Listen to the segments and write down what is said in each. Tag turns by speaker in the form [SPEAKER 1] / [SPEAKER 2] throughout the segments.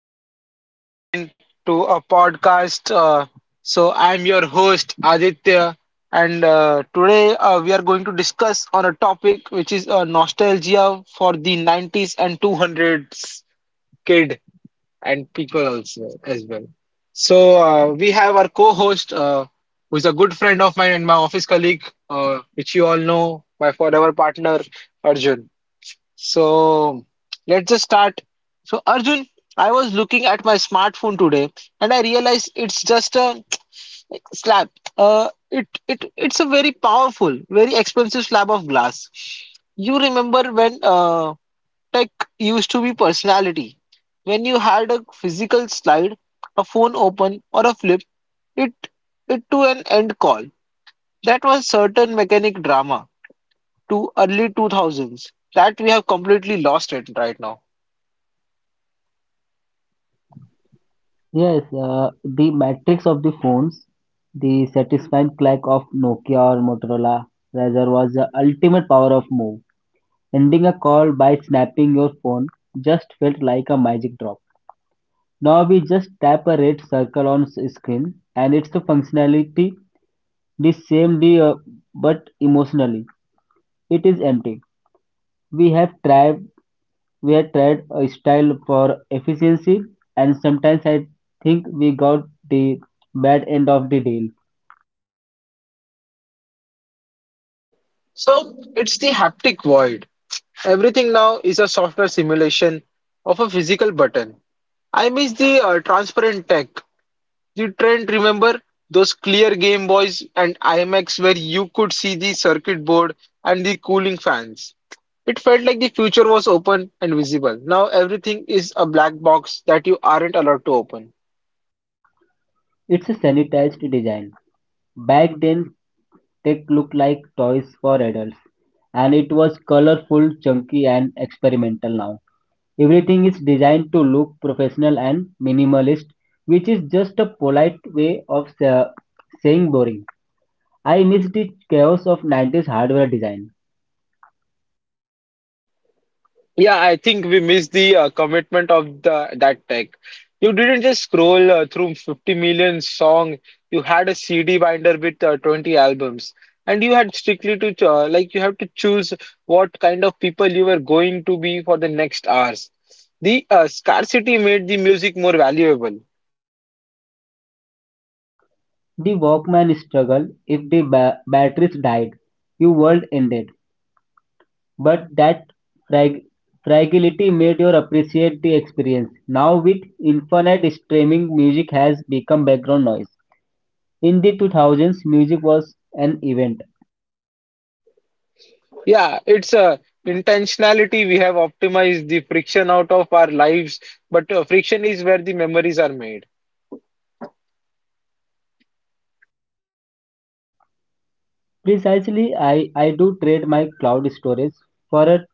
[SPEAKER 1] welcome back again to a podcast. I'm your host Aditya, and today we are going to discuss on a topic which is nostalgia for the 90s and 200s kid and people also as well. So, we have our co-host, who is a good friend of mine and my office colleague, which you all know, my forever partner Arjun. So let's just start. So Arjun, I was looking at my smartphone today and I realized it's just a like, slab. It's a very powerful, very expensive slab of glass. You remember when tech used to be personality? When you had a physical slide, a phone open or a flip, it it to an end call. That was certain mechanic drama to early 2000s that we have completely lost it right now.
[SPEAKER 2] Yes, the matrix of the phones, the satisfying clack of Nokia or Motorola rather was the ultimate power of move. Ending a call by snapping your phone just felt like a magic drop. Now we just tap a red circle on screen, and it's the functionality the same the but emotionally it is empty. We have tried we have tried a style for efficiency, and sometimes I think we got the bad end of the deal.
[SPEAKER 1] So it's the haptic void. Everything now is a software simulation of a physical button. I miss the transparent tech. The trend, remember those clear Game Boys and IMX where you could see the circuit board and the cooling fans. It felt like the future was open and visible. Now everything is a black box that you aren't allowed to open.
[SPEAKER 2] It's a sanitized design. Back then, tech looked like toys for adults, and it was colorful, chunky, and experimental now. Everything is designed to look professional and minimalist, which is just a polite way of saying boring. I miss the chaos of 90s hardware design.
[SPEAKER 1] Yeah, I think we missed the commitment of the that tech. You didn't just scroll through 50 million song. You had a CD binder with 20 albums, and you had strictly to like you have to choose what kind of people you were going to be for the next hours. The scarcity made the music more valuable.
[SPEAKER 2] The Walkman struggle, if the batteries died, your world ended. But that frag fragility made you appreciate the experience. Now with infinite streaming, music has become background noise. In the 2000s, music was an event.
[SPEAKER 1] Yeah, it's a intentionality. We have optimized the friction out of our lives, but friction is where the memories are made.
[SPEAKER 2] Precisely, I do trade my cloud storage for a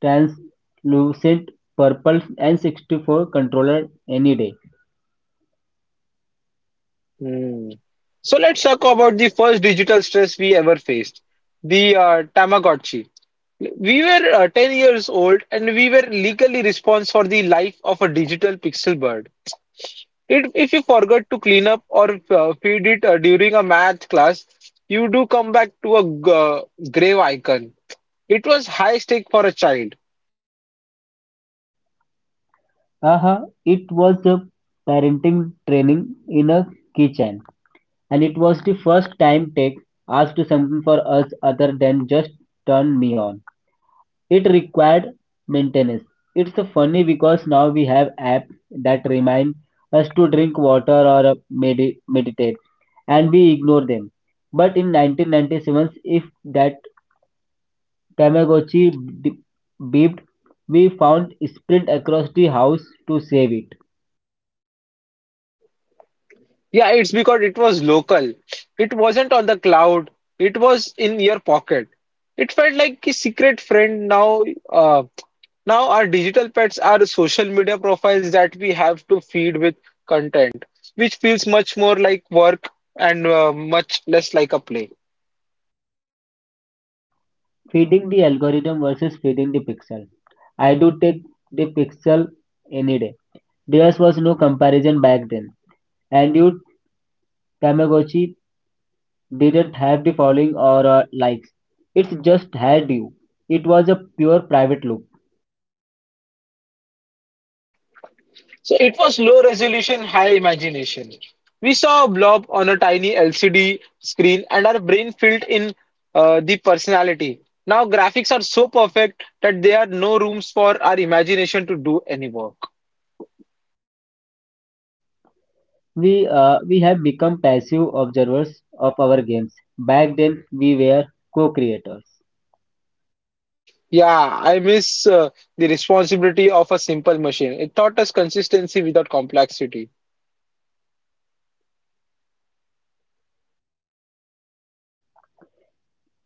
[SPEAKER 2] translucent purple N64 controller any day.
[SPEAKER 1] Hmm. So let's talk about the first digital stress we ever faced, the Tamagotchi. We were 10 years old and we were legally responsible for the life of a digital pixel bird. It, if you forgot to clean up or feed it during a math class, you do come back to a grave icon. It was high stake for a child.
[SPEAKER 2] Aha, it was a parenting training in a kitchen. And it was the first time tech asked something for us other than just turn me on. It required maintenance. It's funny because now we have apps that remind us to drink water or meditate, and we ignore them. But in 1997, if that Tamagotchi d- beeped, we found sprint across the house to save it.
[SPEAKER 1] Yeah, it's because it was local. It wasn't on the cloud. It was in your pocket. It felt like a secret friend. Uh, now our digital pets are social media profiles that we have to feed with content, which feels much more like work and much less like a play.
[SPEAKER 2] Feeding the algorithm versus feeding the pixel. I do take the pixel any day. There was no comparison back then, and you, Tamagotchi didn't have the following or likes. It just had you. It was a pure private loop.
[SPEAKER 1] So it was low resolution, high imagination. We saw a blob on a tiny LCD screen and our brain filled in the personality. Now graphics are so perfect that there are no rooms for our imagination to do any work.
[SPEAKER 2] We have become passive observers of our games. Back then, we were co-creators.
[SPEAKER 1] Yeah, I miss the responsibility of a simple machine. It taught us consistency without complexity.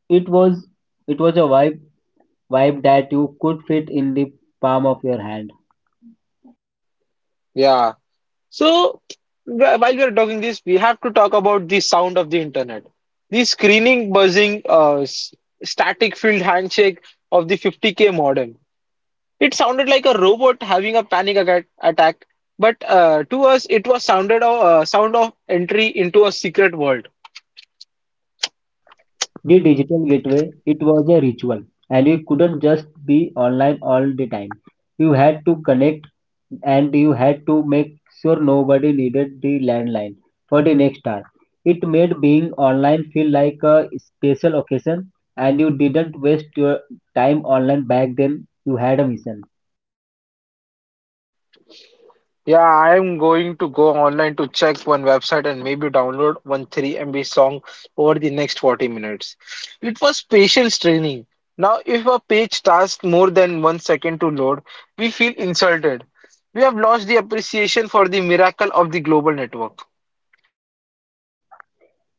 [SPEAKER 2] It was it was a vibe that you could fit in the palm of your hand.
[SPEAKER 1] Yeah. So, while we are talking this, we have to talk about the sound of the internet. The screening, buzzing, static field handshake of the 50K modem. It sounded like a robot having a attack, but to us, it was sound of entry into a secret world.
[SPEAKER 2] The digital gateway, it was a ritual, and you couldn't just be online all the time. You had to connect, and you had to make sure nobody needed the landline for the next hour. It made being online feel like a special occasion, and you didn't waste your time online back then. You had a mission.
[SPEAKER 1] Yeah, I am going to go online to check one website and maybe download one 3 MB song over the next 40 minutes. It was patience training. Now, if a page takes more than 1 second to load, we feel insulted. We have lost the appreciation for the miracle of the global network.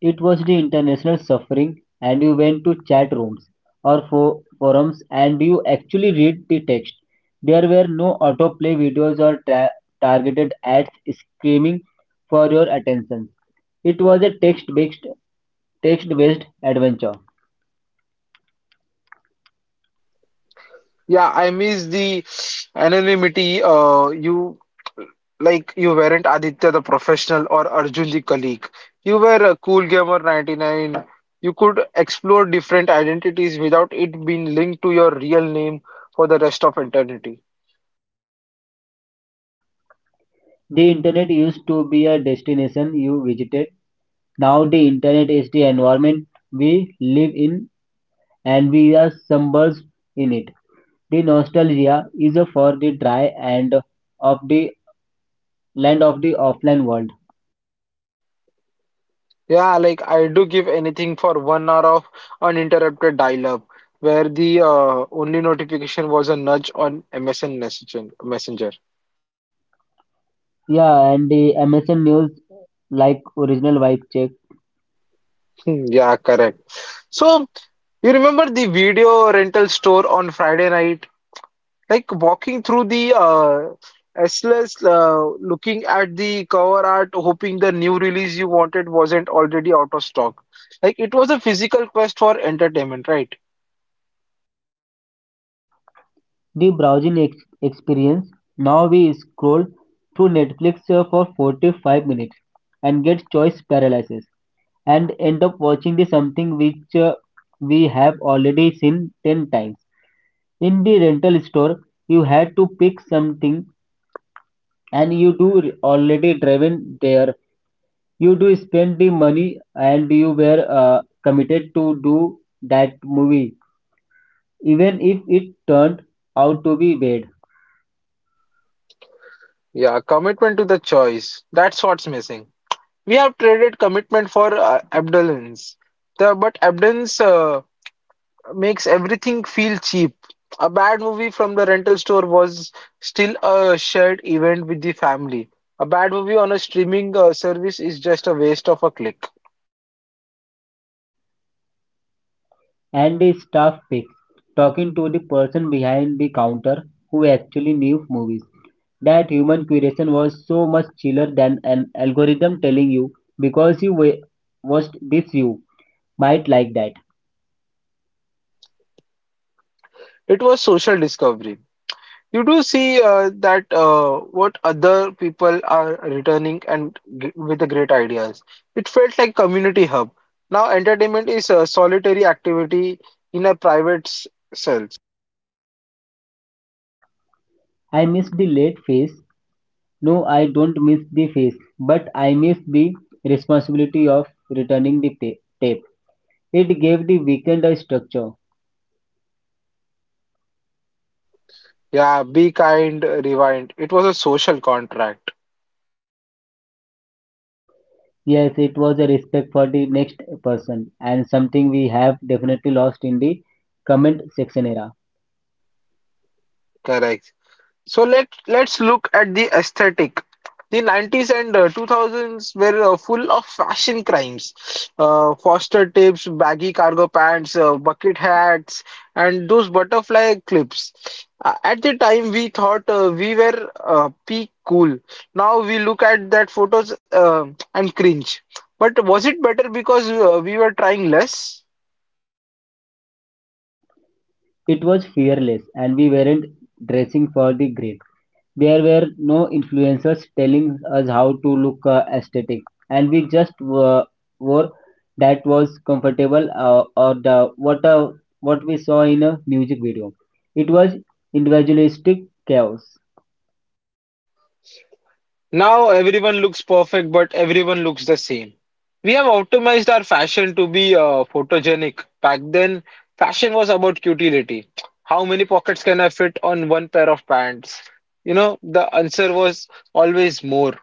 [SPEAKER 2] It was the international suffering, and you went to chat rooms or for forums, and you actually read the text. There were no autoplay videos or targeted ads screaming for your attention. It was a text-based adventure.
[SPEAKER 1] Yeah, I miss the anonymity. You like you weren't Aditya the professional or Arjun the colleague. You were a cool gamer 99. You could explore different identities without it being linked to your real name for the rest of eternity.
[SPEAKER 2] The internet used to be a destination you visited. Now the internet is the environment we live in, and we are submerged in it. The nostalgia is for the dry end of the Land of the offline world.
[SPEAKER 1] Yeah, like I do give anything for 1 hour of uninterrupted dial-up, where the only notification was a nudge on MSN Messenger.
[SPEAKER 2] Yeah, and the MSN News, like, original vibe check.
[SPEAKER 1] Hmm. Yeah, correct. So you remember the video rental store on Friday night? Like walking through the SLS, looking at the cover art, hoping the new release you wanted wasn't already out of stock. Like it was a physical quest for entertainment, right?
[SPEAKER 2] The browsing experience. Now we scroll through Netflix for 45 minutes and get choice paralysis and end up watching the something which we have already seen 10 times. In the rental store, you had to pick something, and you do already driven there. You do spend the money, and you were committed to do that movie, even if it turned out to be bad.
[SPEAKER 1] Yeah, commitment to the choice. That's what's missing. We have traded commitment for abundance. But abundance makes everything feel cheap. A bad movie from the rental store was still a shared event with the family. A bad movie on a streaming service is just a waste of a click.
[SPEAKER 2] And the staff fix talking to the person behind the counter who actually knew movies. That human curation was so much chiller than an algorithm telling you because you watched this you might like that.
[SPEAKER 1] It was social discovery. You do see that what other people are returning and g with the great ideas. It felt like community hub. Now entertainment is a solitary activity in a cell.
[SPEAKER 2] I miss the late phase. No, I don't miss the phase, but I miss the responsibility of returning the tape. It gave the weekend a structure.
[SPEAKER 1] Yeah, be kind, rewind. It was a social contract.
[SPEAKER 2] Yes, it was a respect for the next person, and something we have definitely lost in the comment section era.
[SPEAKER 1] Correct. So let's look at the aesthetic. The 90s and 2000s were full of fashion crimes. Foster tapes, baggy cargo pants, bucket hats, and those butterfly clips. At the time, we thought we were peak cool. Now we look at that photos and cringe. But was it better because we were trying less?
[SPEAKER 2] It was fearless, and we weren't dressing for the grid. There were no influencers telling us how to look aesthetic, and we just were, wore that was comfortable or the what we saw in a music video. It was individualistic chaos.
[SPEAKER 1] Now everyone looks perfect, but everyone looks the same. We have optimized our fashion to be photogenic. Back then, fashion was about utility. How many pockets can I fit on one pair of pants? You know, the answer was always more.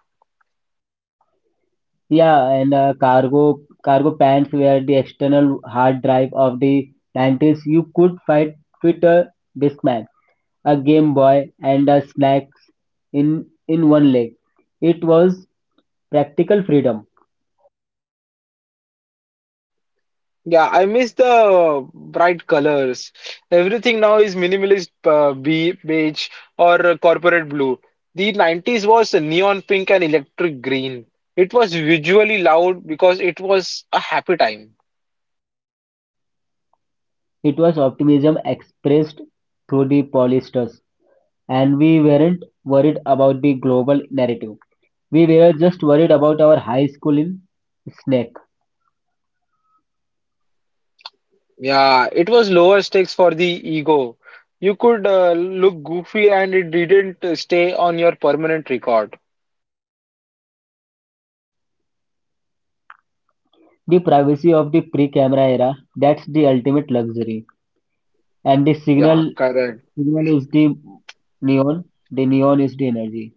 [SPEAKER 2] Yeah, and cargo pants were the external hard drive of the 90s. You could find Twitter, Discman, a Game Boy, and a snacks in one leg. It was practical freedom.
[SPEAKER 1] Yeah, I miss the bright colors. Everything now is minimalist beige or corporate blue. The 90s was neon pink and electric green. It was visually loud because it was a happy time.
[SPEAKER 2] It was optimism expressed through the polyesters, and we weren't worried about the global narrative. We were just worried about our high school in Snake.
[SPEAKER 1] Yeah, it was lower stakes for the ego. You could look goofy and it didn't stay on your permanent record.
[SPEAKER 2] The privacy of the pre-camera era, that's the ultimate luxury and the
[SPEAKER 1] Yeah,
[SPEAKER 2] signal.
[SPEAKER 1] correct.
[SPEAKER 2] Neon is neon, the neon is the energy.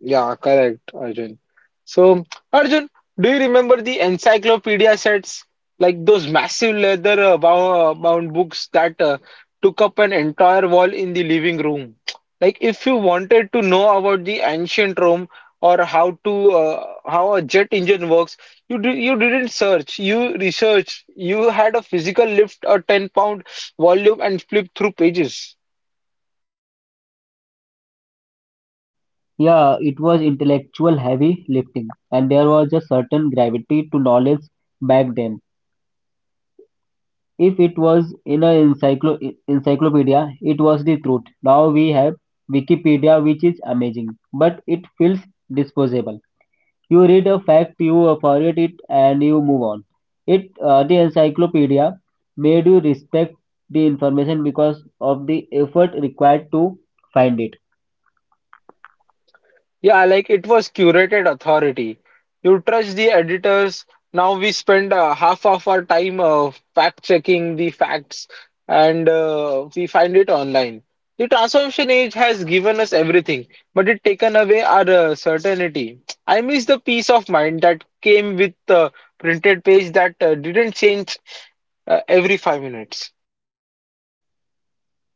[SPEAKER 1] Yeah, correct, Arjun. So, Arjun, do you remember the encyclopedia sets? Like those massive leather bound books that took up an entire wall in the living room. Like if you wanted to know about the ancient Rome or how a jet engine works, you didn't search, you researched. You had a physical lift a 10-pound volume and flip through pages.
[SPEAKER 2] Yeah, it was intellectual heavy lifting, and there was a certain gravity to knowledge back then. If it was in a encyclopedia, it was the truth. Now we have Wikipedia, which is amazing, but it feels disposable. You read a fact, you forget it, and you move on. It the encyclopedia made you respect the information because of the effort required to find it.
[SPEAKER 1] Yeah, like it was curated authority. You trust the editors. Now we spend half of our time fact checking the facts and we find it online. The transformation age has given us everything, but it taken away our certainty. I miss the peace of mind that came with the printed page that didn't change every 5 minutes.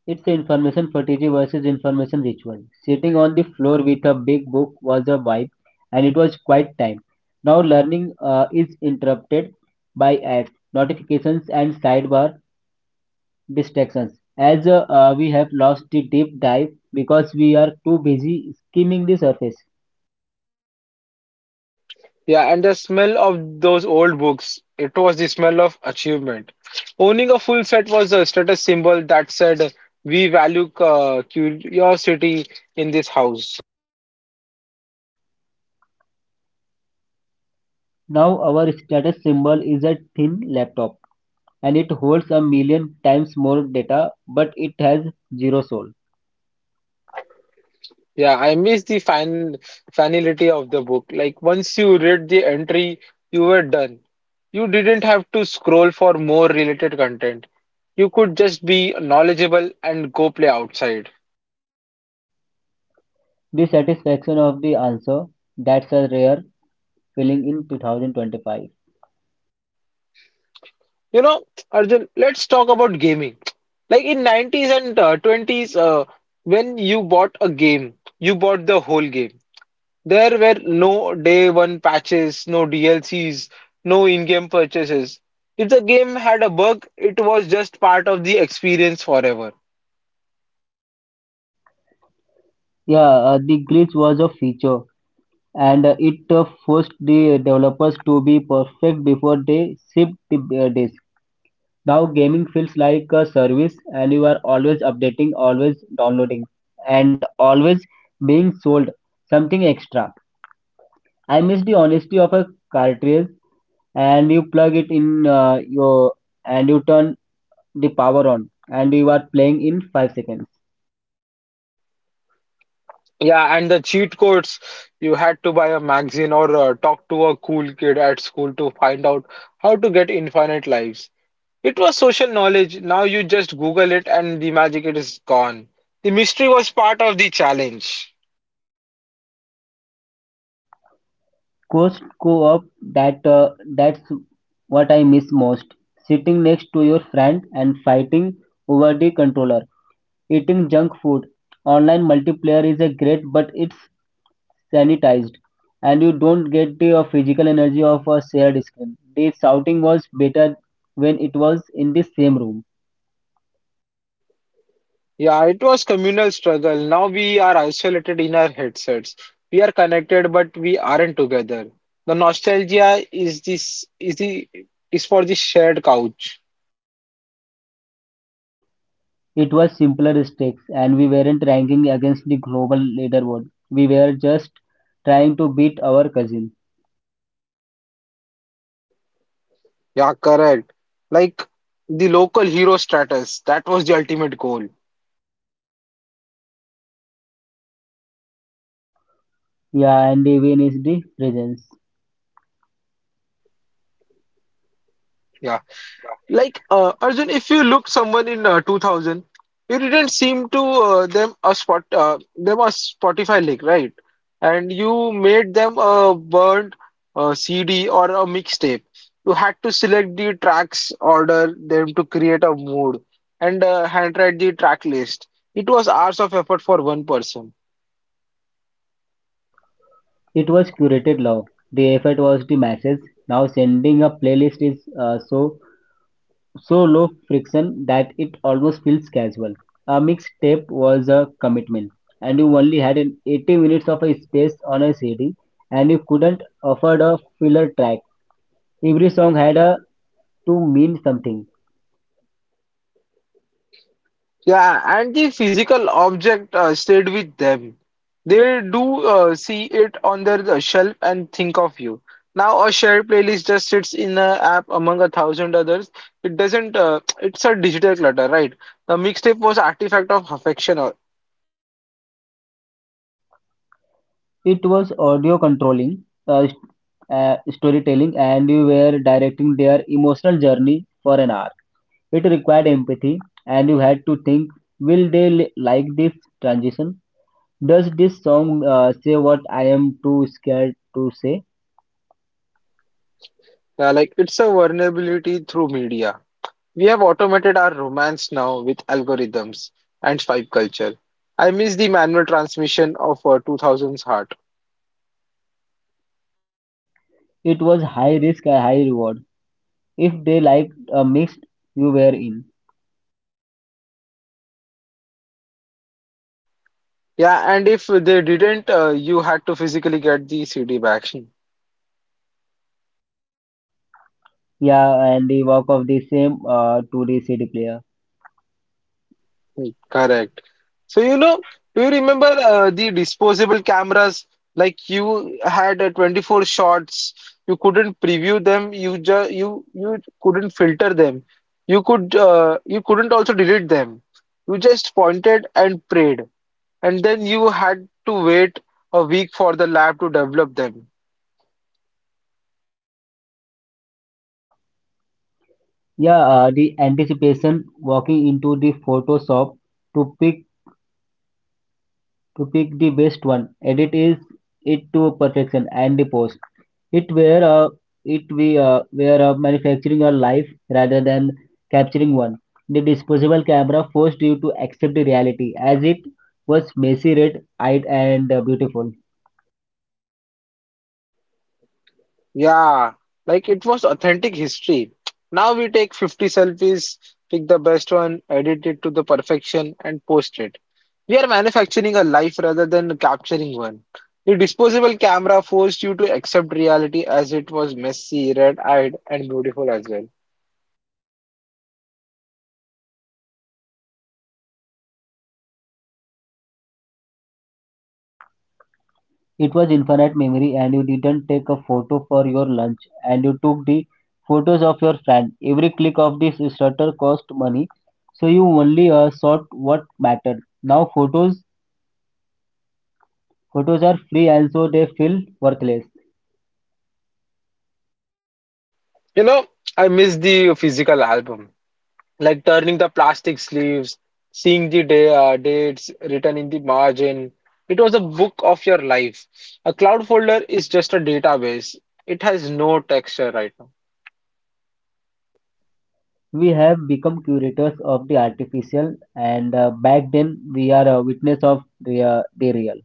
[SPEAKER 2] It's information strategy versus information ritual. Sitting on the floor with a big book was a vibe, and it was quite time. Now learning is interrupted by ads, notifications and sidebar distractions, as we have lost the deep dive because we are too busy skimming the surface.
[SPEAKER 1] Yeah, and the smell of those old books, it was the smell of achievement. Owning a full set was a status symbol that said, we value curiosity in this house.
[SPEAKER 2] Now our status symbol is a thin laptop, and it holds a million times more data but it has zero soul.
[SPEAKER 1] Yeah, I miss the fan finality of the book. Like once you read the entry, you were done. You didn't have to scroll for more related content. You could just be knowledgeable and go play outside.
[SPEAKER 2] The satisfaction of the answer, that's a rare filling in 2025.
[SPEAKER 1] You know, Arjun, let's talk about gaming. Like in 90s and 20s, when you bought a game, you bought the whole game. There were no day one patches, no DLCs, no in-game purchases. If the game had a bug, it was just part of the experience forever.
[SPEAKER 2] Yeah, the glitch was a feature, and it forced the developers to be perfect before they shipped the disc. Now gaming feels like a service, and you are always updating, always downloading, and always being sold something extra. I miss the honesty of a cartridge, and you plug it in your and you turn the power on and you are playing in 5 seconds.
[SPEAKER 1] Yeah, and the cheat codes, you had to buy a magazine or talk to a cool kid at school to find out how to get infinite lives. It was social knowledge. Now you just Google it and the magic it is gone. The mystery was part of the challenge.
[SPEAKER 2] Coast go up. That, that's what I miss most. Sitting next to your friend and fighting over the controller. Eating junk food. Online multiplayer is a great but it's sanitized, and you don't get the physical energy of a shared screen. The shouting was better when it was in the same room.
[SPEAKER 1] Yeah, it was communal struggle. Now we are isolated in our headsets. We are connected, but we aren't together. The nostalgia is this is the is for the shared couch.
[SPEAKER 2] It was simpler stakes, and we weren't ranking against the global leaderboard. We were just trying to beat our cousin.
[SPEAKER 1] Yeah, correct. Like the local hero status. That was the ultimate goal.
[SPEAKER 2] Yeah, and the win is the presence.
[SPEAKER 1] Yeah. Like Arjun, if you look someone in 2000, you didn't seem to them a Spotify link, right? And you made them a burnt CD or a mixtape. You had to select the tracks, order them to create a mood, and handwrite the track list. It was hours of effort for one person.
[SPEAKER 2] It was curated love. The effort was the masses. Now sending a playlist is uh, so so low friction that it almost feels casual. A mixtape was a commitment, and you only had an 80 minutes of a space on a CD, and you couldn't afford a filler track. Every song had a to mean something.
[SPEAKER 1] Yeah, and the physical object stayed with them. They do see it on their shelf and think of you. Now a shared playlist just sits in an app among a thousand others. It doesn't. It's a digital clutter, right? The mixtape was artifact of affection, or
[SPEAKER 2] It was audio controlling, uh, st- storytelling, and you were directing their emotional journey for an hour. It required empathy, and you had to think, will they like this transition? Does this song say what I am too scared to say?
[SPEAKER 1] like it's a vulnerability through media. We have automated our romance now with algorithms and swipe culture. I miss the manual transmission of 2000s heart.
[SPEAKER 2] It was high risk and high reward. If they liked a mix, you were in.
[SPEAKER 1] Yeah, and if they didn't, you had to physically get the CD back.
[SPEAKER 2] Yeah, and the walk of the same to the CD player.
[SPEAKER 1] Hmm. Correct. So, you know, do you remember the disposable cameras? Like you had 24 shots, you couldn't preview them, you couldn't filter them. You couldn't also delete them. You just pointed and prayed, and then you had to wait a week for the lab to develop them.
[SPEAKER 2] Yeah, the anticipation walking into the photo shop to pick to pick the best one, edit is it to perfection and the post. It were a it we were manufacturing a life rather than capturing one. The disposable camera forced you to accept the reality as it was messy, red-eyed, and beautiful.
[SPEAKER 1] Yeah, like it was authentic history. Now we take 50 selfies, pick the best one, edit it to the perfection, and post it. We are manufacturing a life rather than capturing one. The disposable camera forced you to accept reality as it was messy, red-eyed, and beautiful as well.
[SPEAKER 2] It was infinite memory, and you didn't take a photo for your lunch, and you took the photos of your friend. Every click of this shutter cost money, so you only sought what mattered. Now photos are free, and so they feel worthless.
[SPEAKER 1] You know, I miss the physical album, like turning the plastic sleeves, seeing the dates written in the margin. It was a book of your life. A cloud folder is just a database. It has no texture right now.
[SPEAKER 2] We have become curators of the artificial, and back then we are a witness of the real.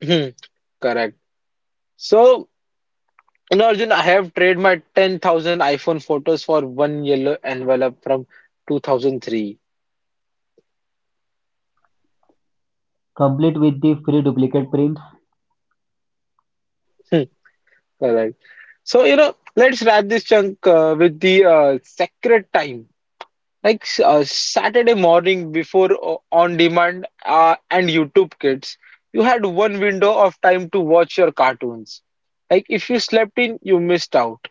[SPEAKER 1] Hmm. Correct. So, Arjun, I have traded my 10,000 iPhone photos for one yellow envelope from 2003.
[SPEAKER 2] Complete with the free duplicate prints,
[SPEAKER 1] Hmm. Correct. So, let's wrap this chunk with the sacred time, like Saturday morning before on demand and YouTube Kids, you had one window of time to watch your cartoons. Like if you slept in, you missed out.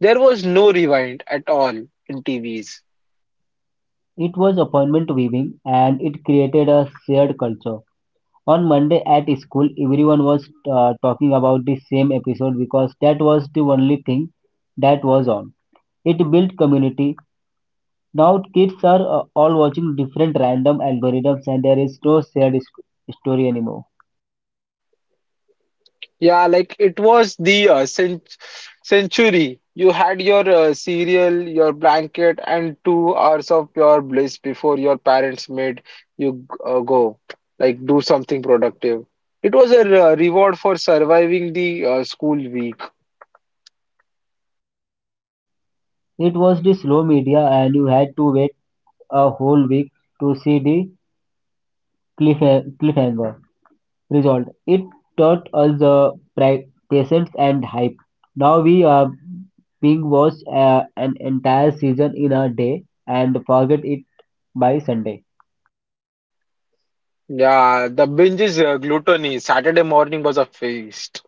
[SPEAKER 1] There was no rewind at all in TVs.
[SPEAKER 2] it was appointment weaving, and it created a shared culture. On Monday at school, everyone was talking about the same episode because that was the only thing that was on. It built community. Now kids are all watching different random algorithms, and there is no shared story anymore.
[SPEAKER 1] Yeah, like it was the century. You had your cereal, your blanket, and 2 hours of pure bliss before your parents made you go, like do something productive. It was a reward for surviving the school week.
[SPEAKER 2] It was the slow media, and you had to wait a whole week to see the cliff cliffhanger result. It taught us the patience and hype. Now we are being watched an entire season in a day and forget it by Sunday.
[SPEAKER 1] Yeah, the binge is gluttony. Saturday morning was a feast.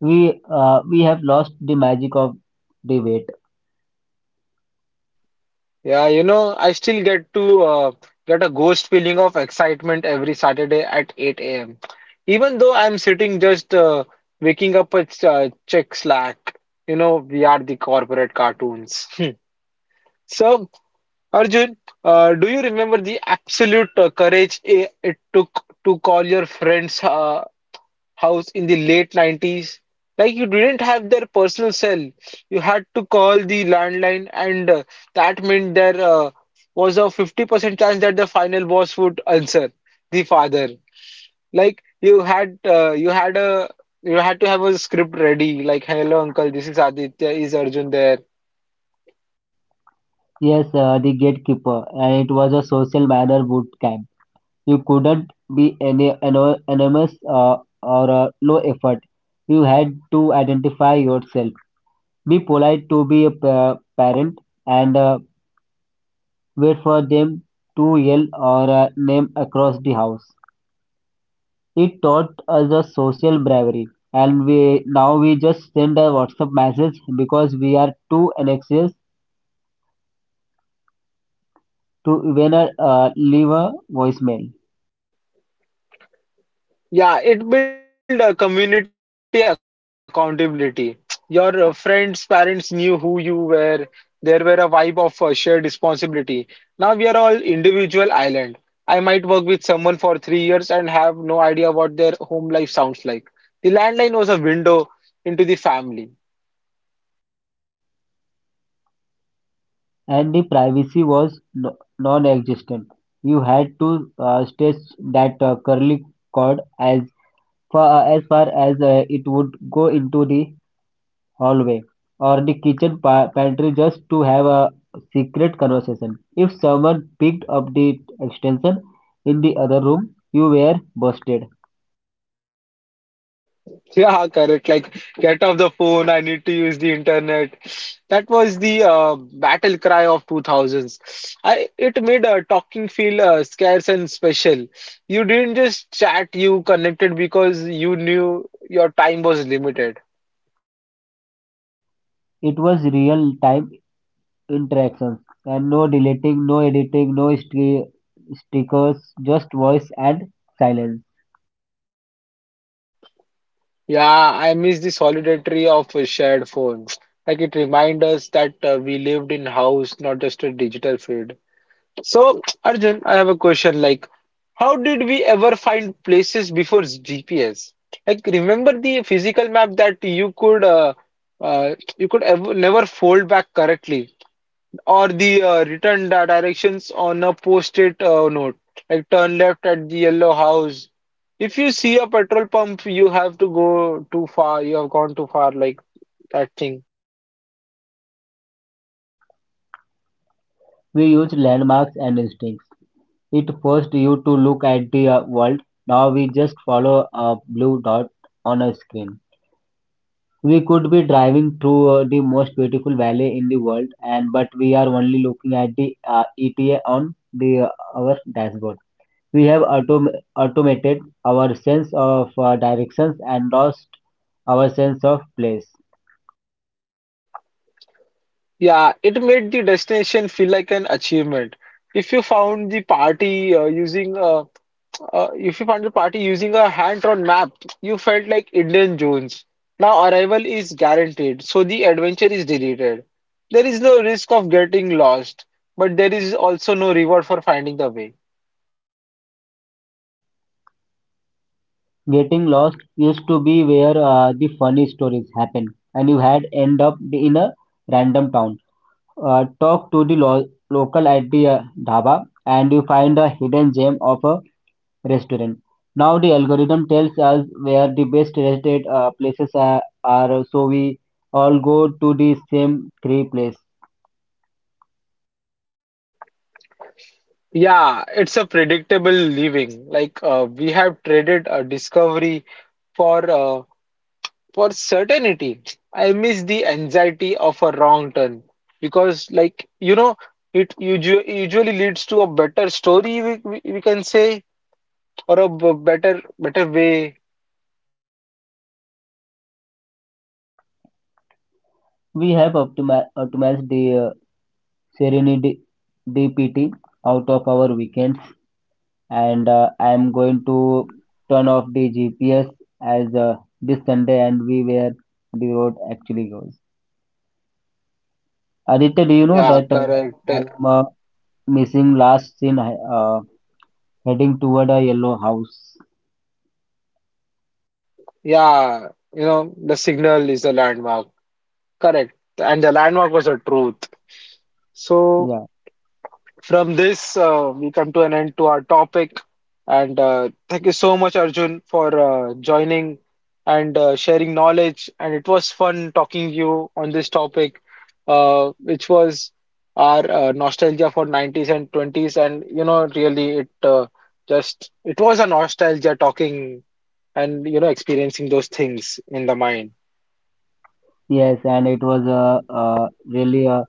[SPEAKER 2] We have lost the magic of the wait.
[SPEAKER 1] Yeah, I still get a ghost feeling of excitement every Saturday at 8 a.m. Even though I'm sitting just waking up a ch check Slack, you know, we are the corporate cartoons. So, Arjun, do you remember the absolute courage it took to call your friends house in the late 90s. Like you didn't have their personal cell. You had to call the landline, and that meant there was a 50% chance that the final boss would answer the father. Like you had to have a script ready, like hello uncle, this is Aditya, is Arjun there?
[SPEAKER 2] Yes, the gatekeeper, and it was a social manner boot camp. You couldn't be any anonymous or low effort. You had to identify yourself. Be polite to be a parent, and wait for them to yell our name across the house. It taught us a social bravery, and we now we just send a WhatsApp message because we are too anxious to even leave a voicemail.
[SPEAKER 1] Yeah, it built a community accountability. Your friends, parents knew who you were. There were a vibe of shared responsibility. Now we are all individual island. I might work with someone for 3 years and have no idea what their home life sounds like. The landline was a window into the family.
[SPEAKER 2] And the privacy was non-existent. You had to stretch that curly cord as far as it would go into the hallway or the kitchen pantry just to have a secret conversation. If someone picked up the extension in the other room, you were busted.
[SPEAKER 1] Yeah, correct. Like, get off the phone. I need to use the internet. That was the battle cry of 2000s. I it made talking feel scarce and special. You didn't just chat. You connected because you knew your time was limited.
[SPEAKER 2] It was real time interactions, and no deleting, no editing, no stickers, just voice and silence.
[SPEAKER 1] Yeah, I miss the solidarity of a shared phone. Like it reminds us that we lived in house, not just a digital feed. So, Arjun, I have a question, like how did we ever find places before GPS? Like, remember the physical map that you could ever, never fold back correctly, or the written directions on a post-it note, like turn left at the yellow house. If you see a petrol pump, you have to go too far. You have gone too far, like that thing.
[SPEAKER 2] We used landmarks and instincts. It forced you to look at the world. Now we just follow a blue dot on a screen. We could be driving through the most beautiful valley in the world, and but we are only looking at the ETA on the our dashboard. We have automated our sense of directions and lost our sense of place.
[SPEAKER 1] Yeah, it made the destination feel like an achievement. If you found the party using If you found the party using a hand-drawn map, you felt like Indian Jones. Now arrival is guaranteed, so the adventure is deleted. There is no risk of getting lost, but there is also no reward for finding the way.
[SPEAKER 2] Getting lost used to be where the funny stories happen, and you had end up in a random town. Talk to the local at the dhaba, and you find a hidden gem of a restaurant. Now the algorithm tells us where the best restaurant places are, so we all go to the same three place.
[SPEAKER 1] Yeah, it's a predictable living. Like we have traded a discovery for uh, for certainty. I miss the anxiety of a wrong turn because, like, it usually leads to a better story, we can say, or a better way.
[SPEAKER 2] We have optimized the Serenity DPT out of our weekends, and I am going to turn off the GPS as this Sunday and we where the road actually goes. Aditya, do you know
[SPEAKER 1] Yeah,
[SPEAKER 2] that
[SPEAKER 1] correct.
[SPEAKER 2] I am missing last scene heading toward a yellow house?
[SPEAKER 1] Yeah, the signal is a landmark. Correct. And the landmark was a truth. So
[SPEAKER 2] Yeah.
[SPEAKER 1] from this, we come to an end to our topic. And thank you so much, Arjun, for joining and sharing knowledge. And it was fun talking you on this topic, which was our nostalgia for 90s and 20s. And you know, really, it was a nostalgia talking and you know experiencing those things in the mind.
[SPEAKER 2] Yes, and it was really uh,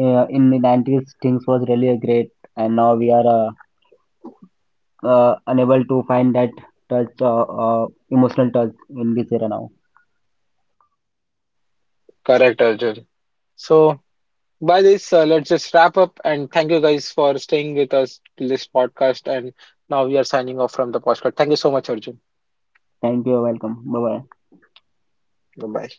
[SPEAKER 2] uh, in the 90s things was really great, and now we are unable to find that touch, emotional touch in this era now.
[SPEAKER 1] Correct, Arjun. So by this, let's just wrap up and thank you guys for staying with us till this podcast. And now we are signing off from the podcast. Thank you so much, Arjun.
[SPEAKER 2] Thank you, welcome. Bye bye.
[SPEAKER 1] Bye bye.